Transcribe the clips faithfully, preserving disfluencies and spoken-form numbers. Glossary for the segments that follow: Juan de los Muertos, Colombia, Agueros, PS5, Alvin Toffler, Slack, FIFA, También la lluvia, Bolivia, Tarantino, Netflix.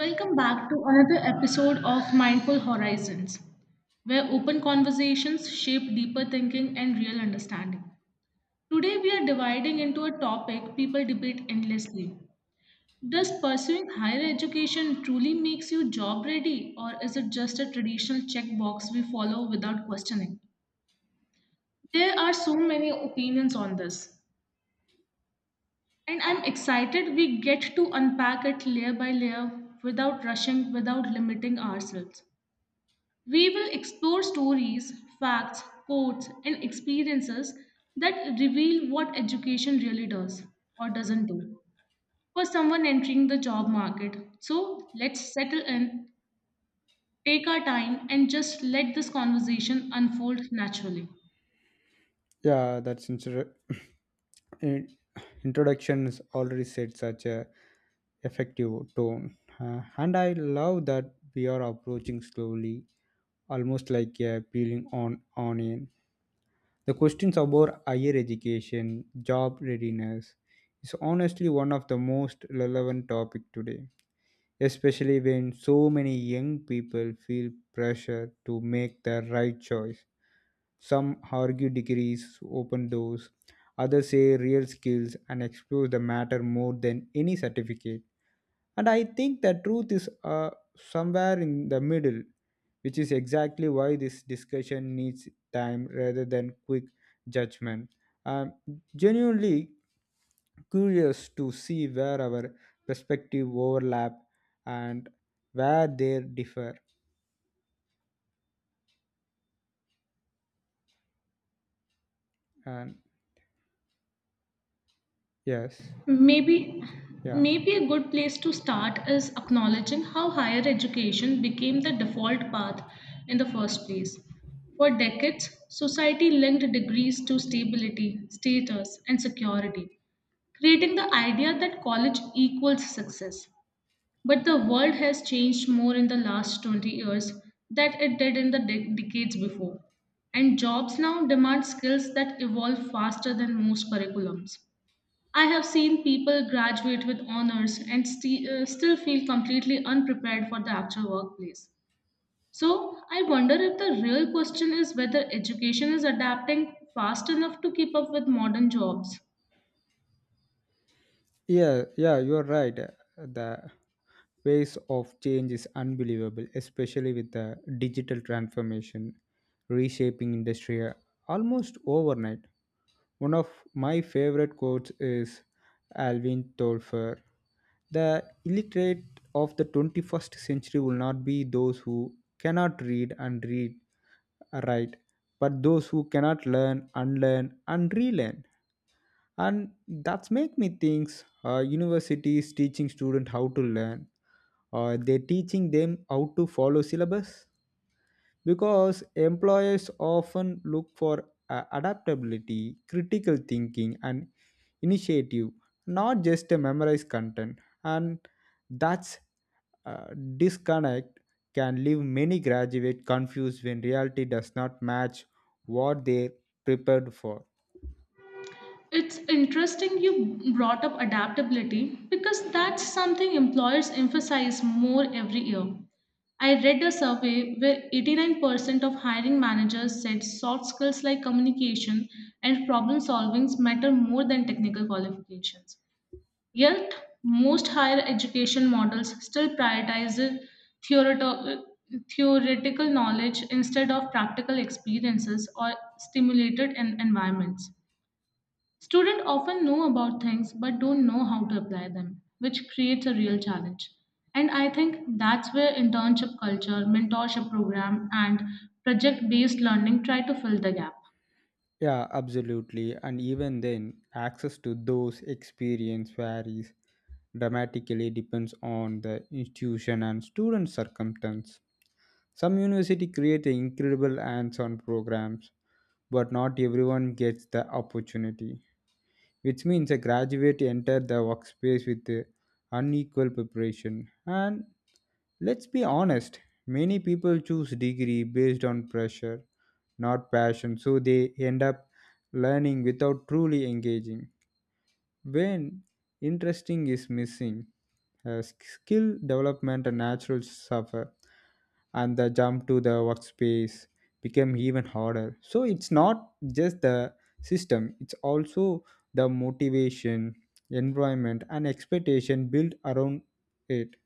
Welcome back to another episode of Mindful Horizons, where open conversations shape deeper thinking and real understanding. Today, we are dividing into a topic people debate endlessly. Does pursuing higher education truly makes you job ready, or is it just a traditional checkbox we follow without questioning? There are so many opinions on this, and I'm excited we get to unpack it layer by layer without rushing, without limiting ourselves. We will explore stories, facts, quotes, and experiences that reveal what education really does or doesn't do for someone entering the job market. So let's settle in, take our time, and just let this conversation unfold naturally. Yeah, that's inter- in- introduction is already set such a effective tone. Uh, and I love that we are approaching slowly, almost like a peeling on onion. The questions about higher education, job readiness, is honestly one of the most relevant topic today, especially when so many young people feel pressure to make the right choice. Some argue degrees open doors, others say real skills and explore the matter more than any certificate. And I think the truth is uh, somewhere in the middle, which is exactly why this discussion needs time rather than quick judgment. I'm genuinely curious to see where our perspective overlap and where they differ. And yes, Maybe, yeah. maybe a good place to start is acknowledging how higher education became the default path in the first place. For decades, society linked degrees to stability, status, and security, creating the idea that college equals success. But the world has changed more in the last twenty years than it did in the de- decades before. And jobs now demand skills that evolve faster than most curriculums. I have seen people graduate with honors and sti- uh, still feel completely unprepared for the actual workplace. So, I wonder if the real question is whether education is adapting fast enough to keep up with modern jobs. Yeah, yeah, you're right. The pace of change is unbelievable, especially with the digital transformation reshaping industry uh, almost overnight. One of my favorite quotes is Alvin Toffler. The illiterate of the twenty-first century will not be those who cannot read and read uh, write, but those who cannot learn, unlearn, and relearn. And that's make me think uh, universities teaching student how to learn, uh, they teaching them how to follow syllabus, because employers often look for uh, adaptability, critical thinking and initiative, not just a memorized content. And that's uh, disconnect can leave many graduates confused when reality does not match what they prepared for. It's interesting you brought up adaptability because that's something employers emphasize more every year. I read a survey where eighty-nine percent of hiring managers said soft skills like communication and problem solving matter more than technical qualifications. Yet, most higher education models still prioritize theoreto- theoretical knowledge instead of practical experiences or stimulated en- environments. Students often know about things but don't know how to apply them, which creates a real challenge. And I think that's where internship culture, mentorship program, and project based learning try to fill the gap. Yeah, absolutely. And even then, access to those experience varies dramatically depends on the institution and student circumstance. Some university create incredible hands-on programs, but not everyone gets the opportunity, which means a graduate enter the workspace with uh, unequal preparation. And let's be honest, many people choose degree based on pressure, not passion, so they end up learning without truly engaging. When interesting is missing, uh, skill development and natural suffer, and the jump to the workspace become even harder. So it's not just the system, it's also the motivation, environment, and expectation built around it.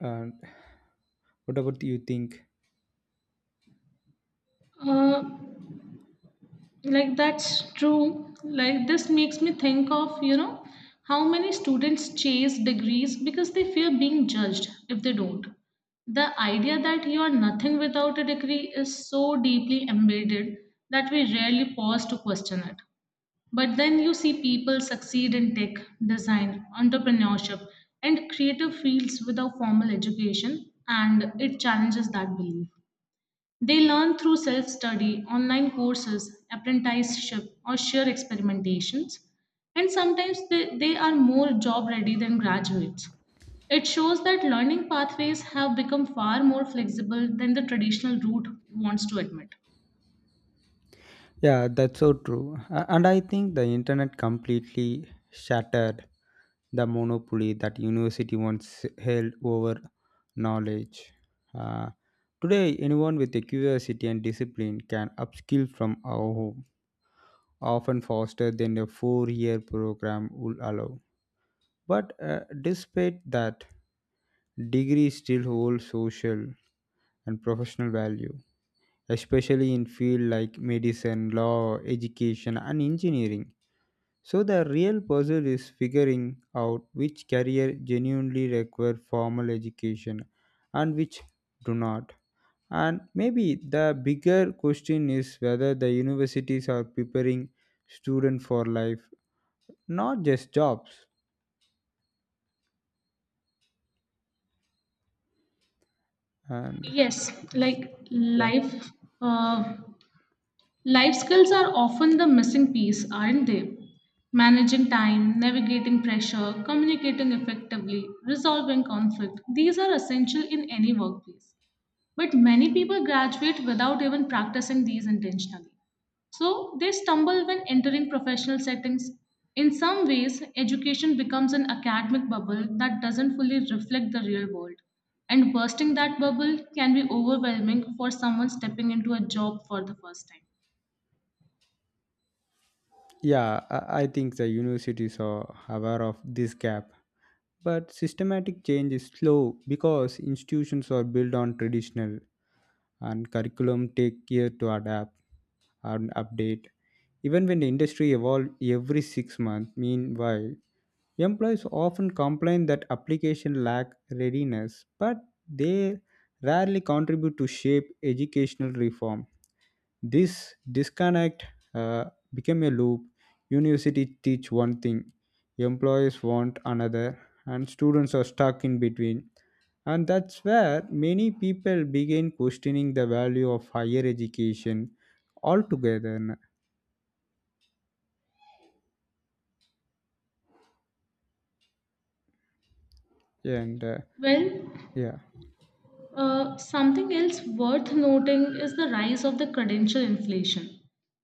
And what about you think? Uh, like that's true. Like this makes me think of, you know, how many students chase degrees because they fear being judged if they don't. The idea that you are nothing without a degree is so deeply embedded that we rarely pause to question it. But then you see people succeed in tech, design, entrepreneurship, and creative fields without formal education, and it challenges that belief. They learn through self study, online courses, apprenticeship, or sheer experimentations, and sometimes they, they are more job ready than graduates. It shows that learning pathways have become far more flexible than the traditional route wants to admit. Yeah, that's so true. A- and I think the internet completely shattered the monopoly that university once held over knowledge. Uh, Today anyone with a curiosity and discipline can upskill from our home, often faster than a four-year program would allow. But uh, despite that, degree still hold social and professional value, especially in field like medicine, law, education and engineering. So the real puzzle is figuring out which career genuinely require formal education and which do not. And maybe the bigger question is whether the universities are preparing students for life, not just jobs. And, Yes, like yeah. life. Uh, Life skills are often the missing piece, aren't they? Managing time, navigating pressure, communicating effectively, resolving conflict, these are essential in any workplace. But many people graduate without even practicing these intentionally. So they stumble when entering professional settings. In some ways, education becomes an academic bubble that doesn't fully reflect the real world. And bursting that bubble can be overwhelming for someone stepping into a job for the first time. Yeah, I I think the universities are aware of this gap. But systematic change is slow because institutions are built on traditional and curriculum take year to adapt and update, even when the industry evolves every six months. Meanwhile, employees often complain that application lack readiness, but they rarely contribute to shape educational reform. This disconnect uh, became a loop. University teach one thing, employees want another, and students are stuck in between. And that's where many people begin questioning the value of higher education altogether. And uh, Well, yeah. Uh, something else worth noting is the rise of the credential inflation.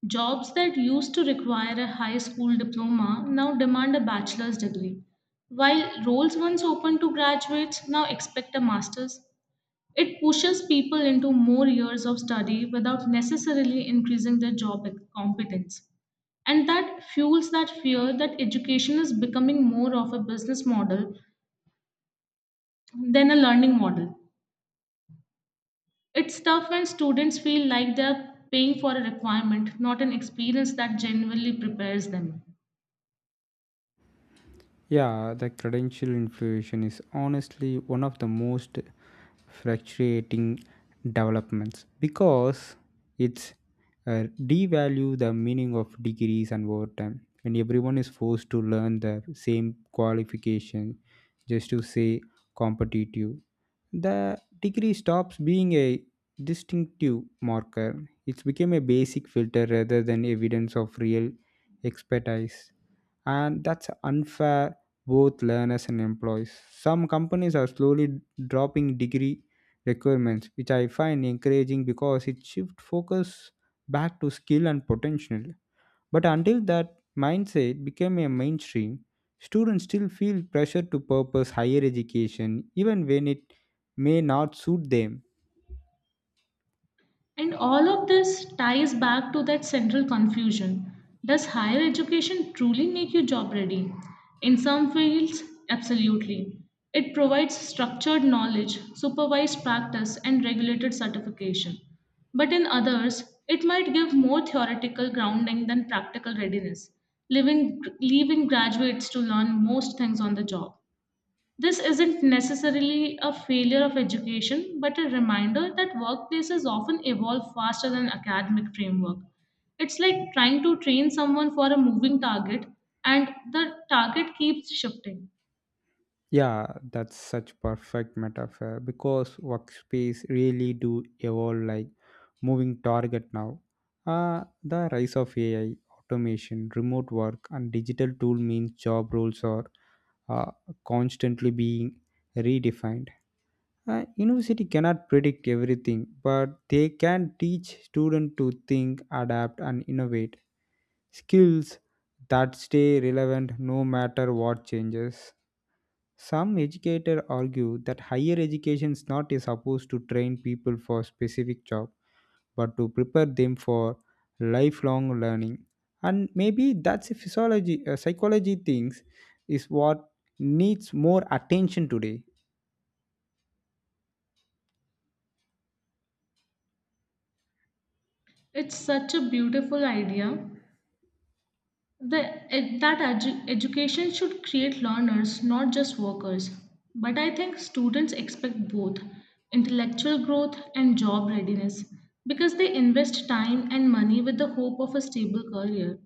Jobs that used to require a high school diploma now demand a bachelor's degree, while roles once open to graduates now expect a master's. It pushes people into more years of study without necessarily increasing their job competence. And that fuels that fear that education is becoming more of a business model than a learning model. It's tough when students feel like they're paying for a requirement, not an experience that genuinely prepares them. Yeah, the credential inflation is honestly one of the most frustrating developments because it's uh, devalue the meaning of degrees, and overtime, when everyone is forced to learn the same qualification just to say competitive, the degree stops being a distinctive marker. It's become a basic filter rather than evidence of real expertise, and that's unfair both learners and employees. Some companies are slowly dropping degree requirements, which I find encouraging because it shifts focus back to skill and potential. But until that mindset became a mainstream, students still feel pressure to purpose higher education even when it may not suit them. And all of this ties back to that central confusion. Does higher education truly make you job ready? In some fields, absolutely. It provides structured knowledge, supervised practice, and regulated certification. But in others, it might give more theoretical grounding than practical readiness, leaving, leaving graduates to learn most things on the job. This isn't necessarily a failure of education, but a reminder that workplaces often evolve faster than academic framework. It's like trying to train someone for a moving target, and the target keeps shifting. Yeah, that's such perfect metaphor because workspace really do evolve like moving target now. Uh, the rise of A I, automation, remote work, and digital tool means job roles are uh, constantly being redefined. Uh, university cannot predict everything, but they can teach students to think, adapt, and innovate, skills that stay relevant no matter what changes. Some educators argue that higher education is not supposed to train people for specific job, but to prepare them for lifelong learning. And maybe that's a physiology, uh, psychology things is what needs more attention today. It's such a beautiful idea. The, eh, that edu- education should create learners, not just workers. But I think students expect both intellectual growth and job readiness because they invest time and money with the hope of a stable career.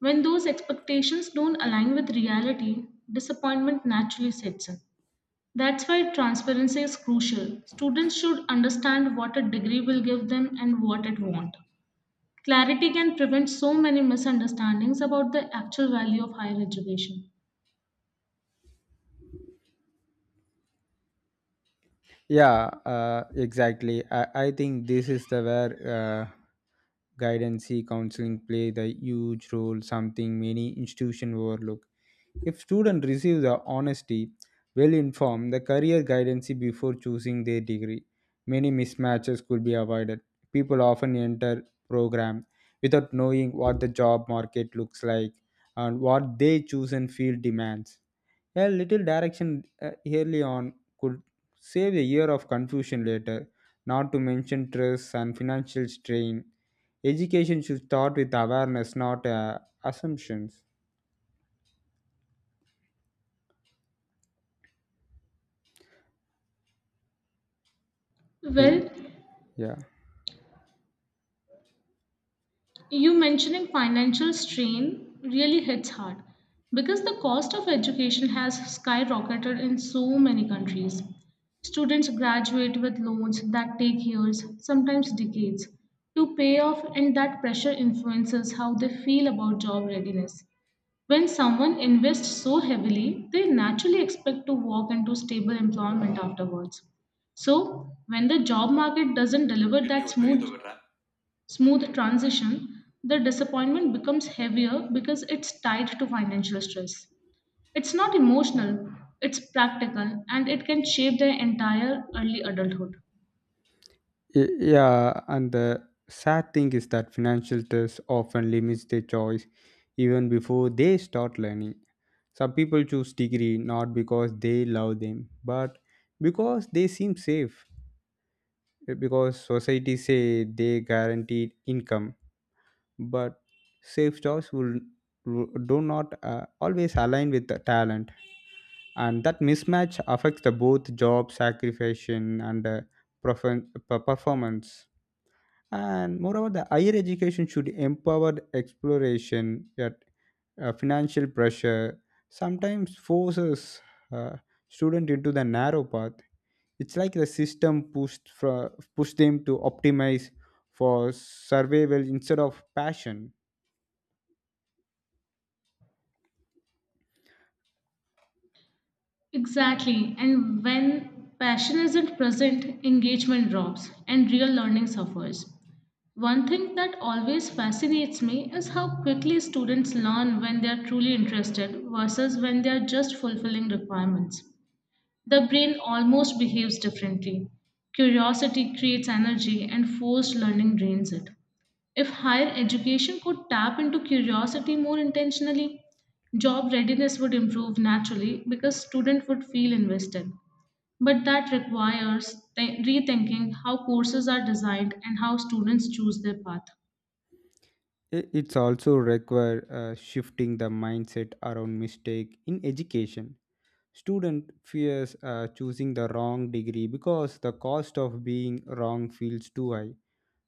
When those expectations don't align with reality, disappointment naturally sets in. That's why transparency is crucial. Students should understand what a degree will give them and what it won't. Clarity can prevent so many misunderstandings about the actual value of higher education. Yeah, uh, exactly. I, I think this is the where, uh, guidance counseling play the huge role, something many institution overlook. If students receive the honesty, well informed the career guidance before choosing their degree, many mismatches could be avoided. People often enter program without knowing what the job market looks like and what they chosen field demands. A little direction uh, early on could save a year of confusion later, not to mention stress and financial strain. Education should start with awareness, not uh, assumptions. Y- Well, Yeah. you mentioning financial strain really hits hard because the cost of education has skyrocketed in so many countries. Students graduate with loans that take years, sometimes decades, to pay off, and that pressure influences how they feel about job readiness. When someone invests so heavily, they naturally expect to walk into stable employment afterwards. So, when the job market doesn't deliver that smooth smooth transition, the disappointment becomes heavier because it's tied to financial stress. It's not emotional, it's practical and it can shape their entire early adulthood. Y- Yeah. And the sad thing is that financial stress often limits their choice even before they start learning. Some people choose degree not because they love them, but because they seem safe, because society say they guaranteed income. But safe jobs will do not uh, always align with the talent, and that mismatch affects the both job sacrifice and uh, perform- uh, performance. And moreover, the higher education should empower exploration, yet uh, financial pressure sometimes forces uh, student into the narrow path. It's like the system pushed for, pushed them to optimize for survival instead of passion. Exactly. And when passion isn't present, engagement drops and real learning suffers. One thing that always fascinates me is how quickly students learn when they are truly interested versus when they are just fulfilling requirements. The brain almost behaves differently. Curiosity creates energy and forced learning drains it. If higher education could tap into curiosity more intentionally, job readiness would improve naturally because students would feel invested. But that requires th- rethinking how courses are designed and how students choose their path. I- It's also require uh, shifting the mindset around mistake in education. Student fears uh, choosing the wrong degree because the cost of being wrong feels too high.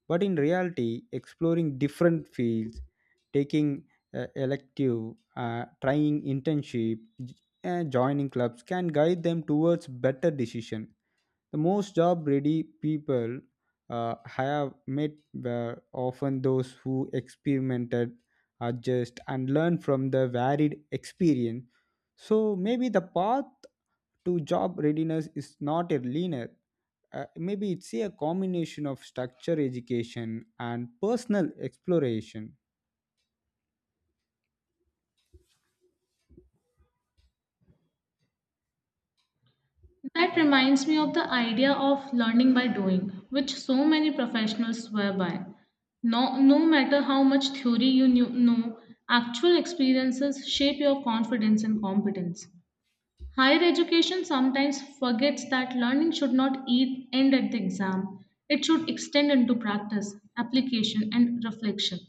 But in reality, exploring different fields, taking uh, elective, uh, trying internship, j- and joining clubs can guide them towards better decision. The most job-ready people uh, I have met were often those who experimented, adjust, and learn from the varied experience. So maybe the path to job readiness is not a linear. Uh, maybe it's a combination of structure education and personal exploration. That reminds me of the idea of learning by doing, which so many professionals swear by. No, no matter how much theory you knew, know, actual experiences shape your confidence and competence. Higher education sometimes forgets that learning should not e- end at the exam. It should extend into practice, application, and reflection.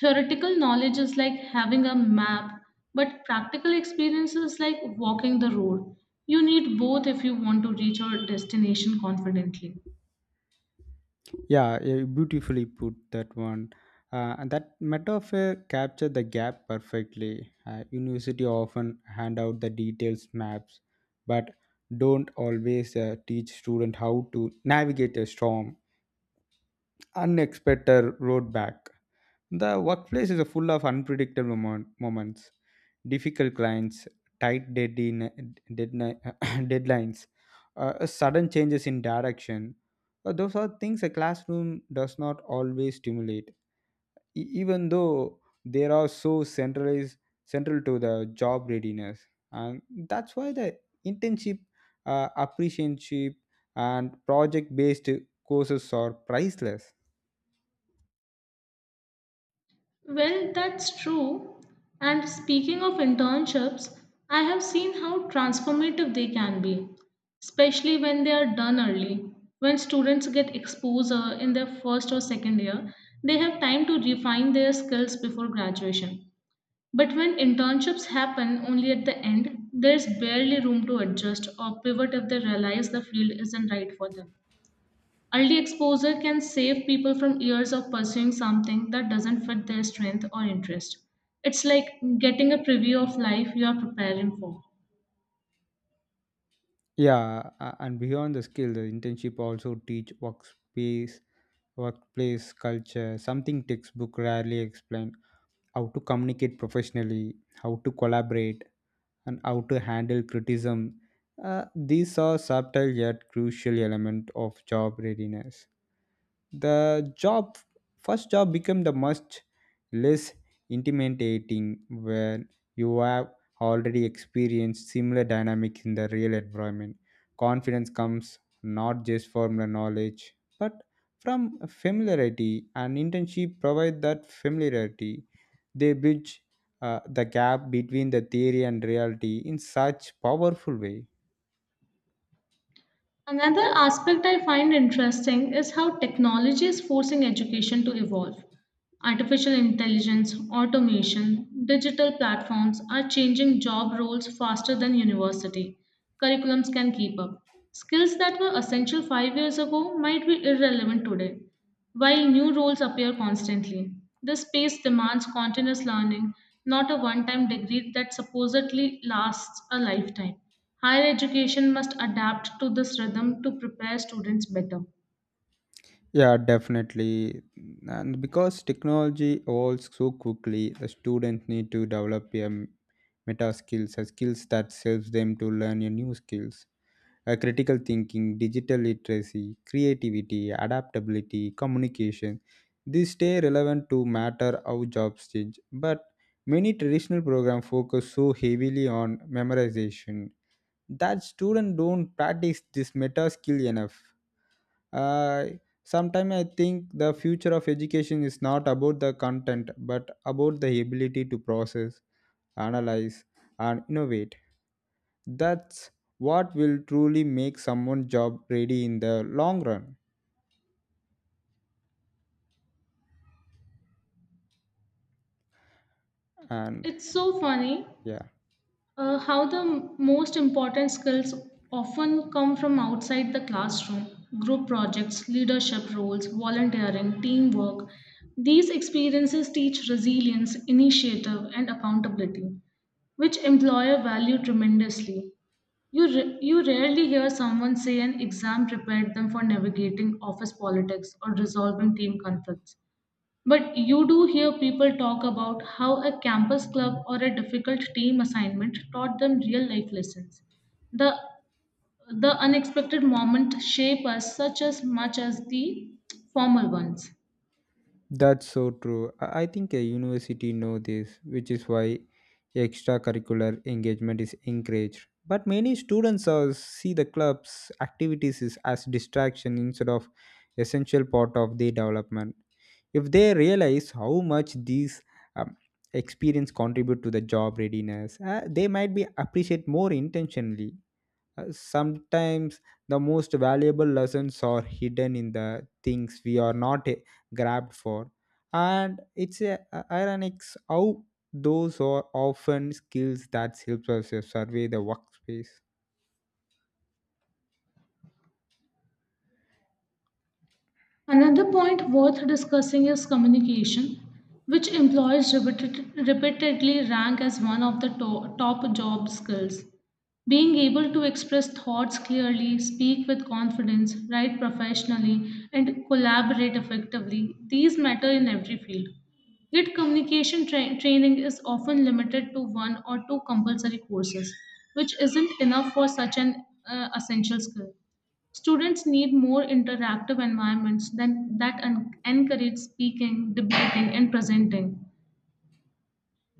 Theoretical knowledge is like having a map, but practical experience is like walking the road. You need both if you want to reach your destination confidently. Yeah, you beautifully put that one. Uh, and that metaphor captured the gap perfectly. Uh, university often hand out the details maps, but don't always uh, teach student how to navigate a storm, unexpected road back. The workplace is full of unpredictable moment, moments, difficult clients, tight deadline, deadline, deadlines, uh, sudden changes in direction. Uh, those are things a classroom does not always stimulate, e- even though they are so centralized, central to the job readiness. And that's why the internship, uh, apprenticeship, and project-based courses are priceless. Well, that's true. And speaking of internships, I have seen how transformative they can be, especially when they are done early. When students get exposure in their first or second year, they have time to refine their skills before graduation. But when internships happen only at the end, there's barely room to adjust or pivot if they realize the field isn't right for them. Early exposure can save people from years of pursuing something that doesn't fit their strength or interest. It's like getting a preview of life you are preparing for. Yeah, a- and beyond the skill, the internship also teach workspace, workplace culture, something textbook rarely explain. How to communicate professionally, how to collaborate, and how to handle criticism. Uh, these are subtle yet crucial element of job readiness. The job first job become the much less intimidating when you have already experienced similar dynamics in the real environment. Confidence comes not just from the knowledge but from familiarity, and internship provide that familiarity. They bridge uh, the gap between the theory and reality in such powerful way. Another aspect I find interesting is how technology is forcing education to evolve. Artificial intelligence, automation, digital platforms are changing job roles faster than university. Curriculums can keep up. Skills that were essential five years ago might be irrelevant today. While new roles appear constantly, this space demands continuous learning, not a one time degree that supposedly lasts a lifetime. Higher education must adapt to this rhythm to prepare students better. Yeah, definitely. And because technology evolves so quickly, the students need to develop a m- meta skills, a skills that helps them to learn a new skills, a critical thinking, digital literacy, creativity, adaptability, communication. These stay relevant to matter how jobs change. But many traditional programs focus so heavily on memorization that students don't practice this meta skill enough. Uh, sometimes I think the future of education is not about the content but about the ability to process, analyze and innovate. That's what will truly make someone job ready in the long run. And, It's so funny. yeah. Uh, how the m- most important skills often come from outside the classroom group projects, leadership roles, volunteering, teamwork. These experiences teach resilience, initiative, and accountability, which employer value tremendously. You, ra- you rarely hear someone say an exam prepared them for navigating office politics or resolving team conflicts. But you do hear people talk about how a campus club or a difficult team assignment taught them real life lessons. The, the unexpected moments shape us such as much as the formal ones. That's so true. I I think a university know this, which is why extracurricular engagement is encouraged, but many students are, see the club's activities is as distraction instead of essential part of their development. If they realize how much these um, experience contribute to the job readiness, uh, they might be appreciate more intentionally. Uh, sometimes the most valuable lessons are hidden in the things we are not uh, grabbed for, and it's uh, ironic how those are often skills that helps us uh, survey the workspace. Another point worth discussing is communication, which employees repeated, repeatedly rank as one of the to- top job skills. Being able to express thoughts clearly, speak with confidence, write professionally, and collaborate effectively, these matter in every field. Yet, communication tra- training is often limited to one or two compulsory courses, which isn't enough for such an uh, essential skill. Students need more interactive environments than, that en- encourage speaking, debating, and presenting.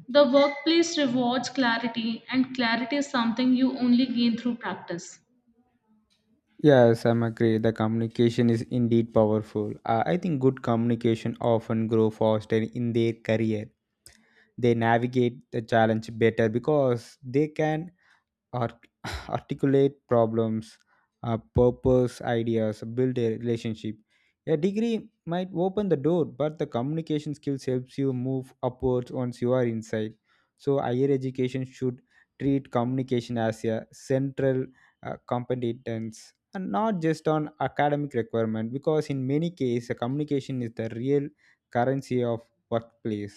The workplace rewards clarity, and clarity is something you only gain through practice. Yes, I'm agree. The communication is indeed powerful. Uh, I think good communication often grow faster in their career. They navigate the challenge better because they can art- articulate problems, uh, purpose ideas, build a relationship. A degree might open the door but the communication skills helps you move upwards once you are inside. So higher education should treat communication as a central uh, competence and not just on academic requirement, because in many cases communication is the real currency of workplace.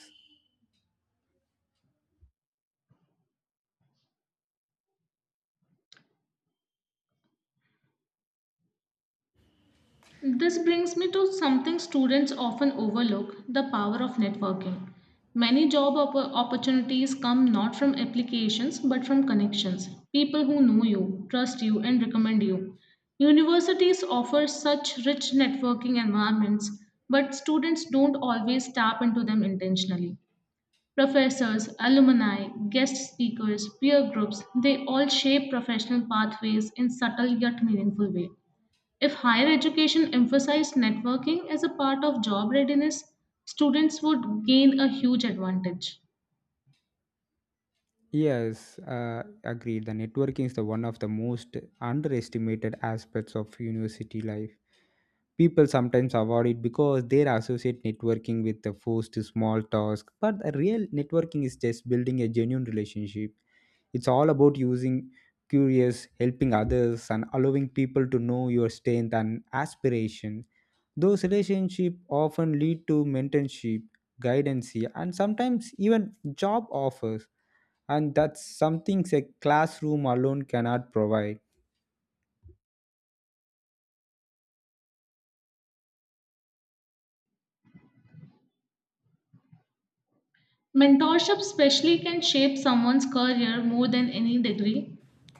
This brings me to something students often overlook the power of networking. Many job oppo- opportunities come not from applications but from connections, people who know you, trust you, and recommend you. Universities offer such rich networking environments, but students don't always tap into them intentionally. Professors, alumni, guest speakers, peer groups, they all shape professional pathways in subtle yet meaningful way. If higher education emphasized networking as a part of job readiness, students would gain a huge advantage. Yes, uh, agreed. The networking is the one of the most underestimated aspects of university life. People sometimes avoid it because they associate networking with the forced small task. But the real networking is just building a genuine relationship. It's all about using curious, helping others, and allowing people to know your strength and aspiration. Those relationships often lead to mentorship, guidance, and sometimes even job offers. And that's something a classroom alone cannot provide. Mentorship, especially, can shape someone's career more than any degree.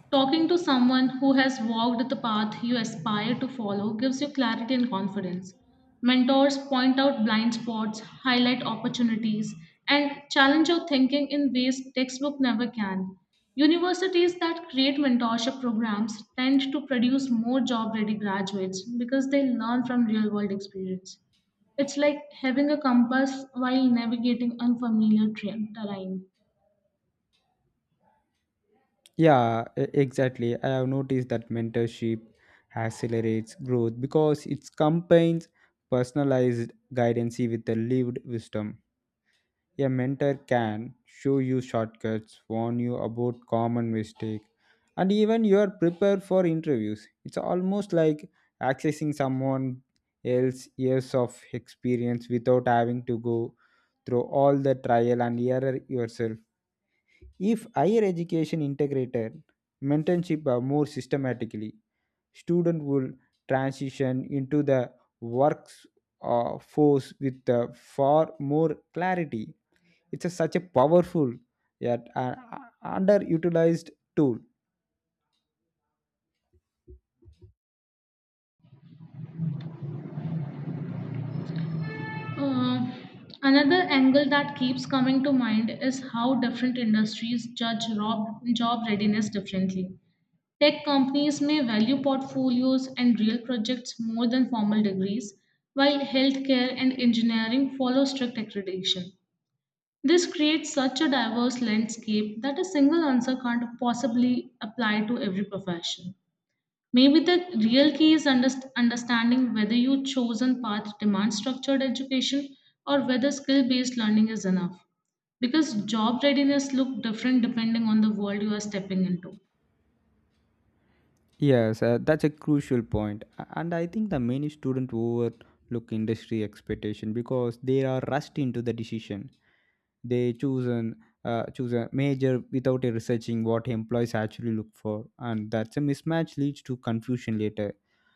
Talking to someone who has walked the path you aspire to follow gives you clarity and confidence. Mentors point out blind spots, highlight opportunities, and challenge your thinking in ways textbook never can. Universities that create mentorship programs tend to produce more job ready graduates because they learn from real world experience. It's like having a compass while navigating unfamiliar tra- terrain. Yeah, e- exactly. I have noticed that mentorship accelerates growth because it combines personalized guidance with the lived wisdom. A mentor can show you shortcuts, warn you about common mistakes, and even you are prepared for interviews. It's almost like accessing someone else's years of experience without having to go through all the trial and error yourself. If higher education integrated mentorship uh, more systematically, student will transition into the works uh, force with uh, far more clarity. It's a, such a powerful yet uh, uh, underutilized tool. Uh, Another angle that keeps coming to mind is how different industries judge rob- job readiness differently. Tech companies may value portfolios and real projects more than formal degrees, while healthcare and engineering follow strict accreditation. This creates such a diverse landscape that a single answer can't possibly apply to every profession. Maybe the real key is underst- understanding whether your chosen path demands structured education or whether skill based learning is enough. Because job readiness look different depending on the world you are stepping into. Yes, uh, that's a crucial point. A- And I think the many students overlook industry expectation because they are rushed into the decision. They choose an uh, choose a major without researching what employees actually look for, and that's a mismatch leads to confusion later.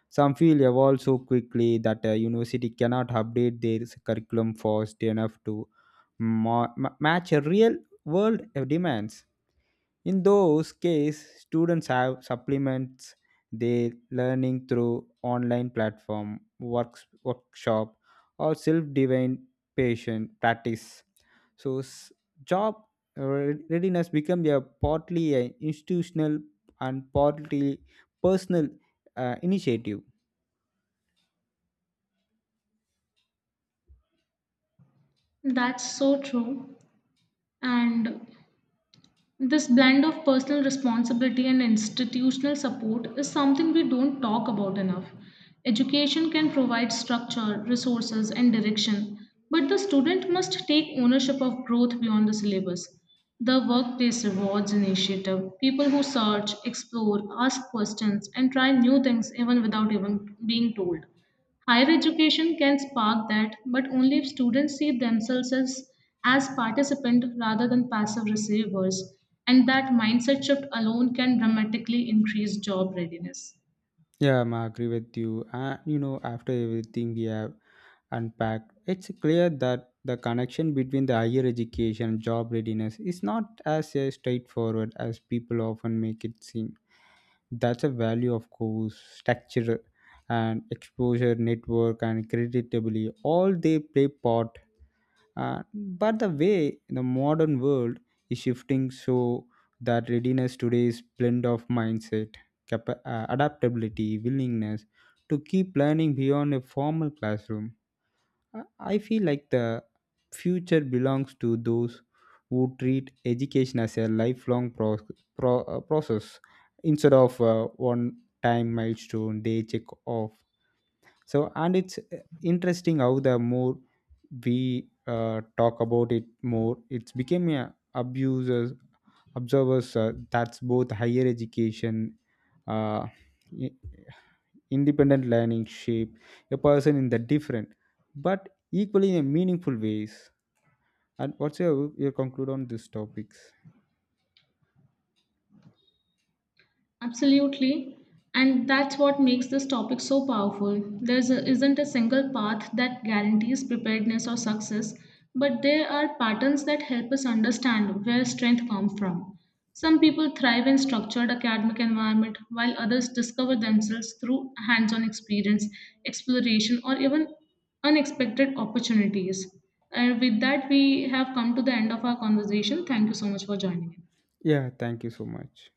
Some feel evolve so quickly that a university cannot update their curriculum fast enough to ma- ma- match a real world uh, demands. In those cases, students have supplements their learning through online platform, works, workshop, or self-divine patient practice. So, s- job re- readiness become a partly an institutional and partly personal uh, initiative. That's so true. And this blend of personal responsibility and institutional support is something we don't talk about enough. Education can provide structure, resources, and direction, but the student must take ownership of growth beyond the syllabus. The Workplace Rewards Initiative people who search, explore, ask questions, and try new things even without even being told. Higher education can spark that, but only if students see themselves as, as participant rather than passive receivers, and that mindset shift alone can dramatically increase job readiness. Yeah, I agree with you. And you know, after everything we have unpacked, it's clear that the connection between the higher education and job readiness is not as uh, straightforward as people often make it seem. That's a value, of course, structure and exposure, network, and credibility. All they play part, uh, but the way the modern world is shifting so that readiness today is blend of mindset, capa- uh, adaptability, willingness to keep learning beyond a formal classroom. I I feel like the future belongs to those who treat education as a lifelong pro- pro- uh, process, instead of uh, one time milestone they check off. So and it's uh, interesting how the more we uh, talk about it, more it's became a abusers observers uh, that's both higher education uh, i- independent learning shape a person in the different but equally in meaningful ways. And what's your, your conclude on these topics? Absolutely. And that's what makes this topic so powerful. There isn't a single path that guarantees preparedness or success, but there are patterns that help us understand where strength comes from. Some people thrive in structured academic environment, while others discover themselves through hands on experience, exploration, or even unexpected opportunities. And with that, we have come to the end of our conversation. Thank you so much for joining in. Yeah, thank you so much.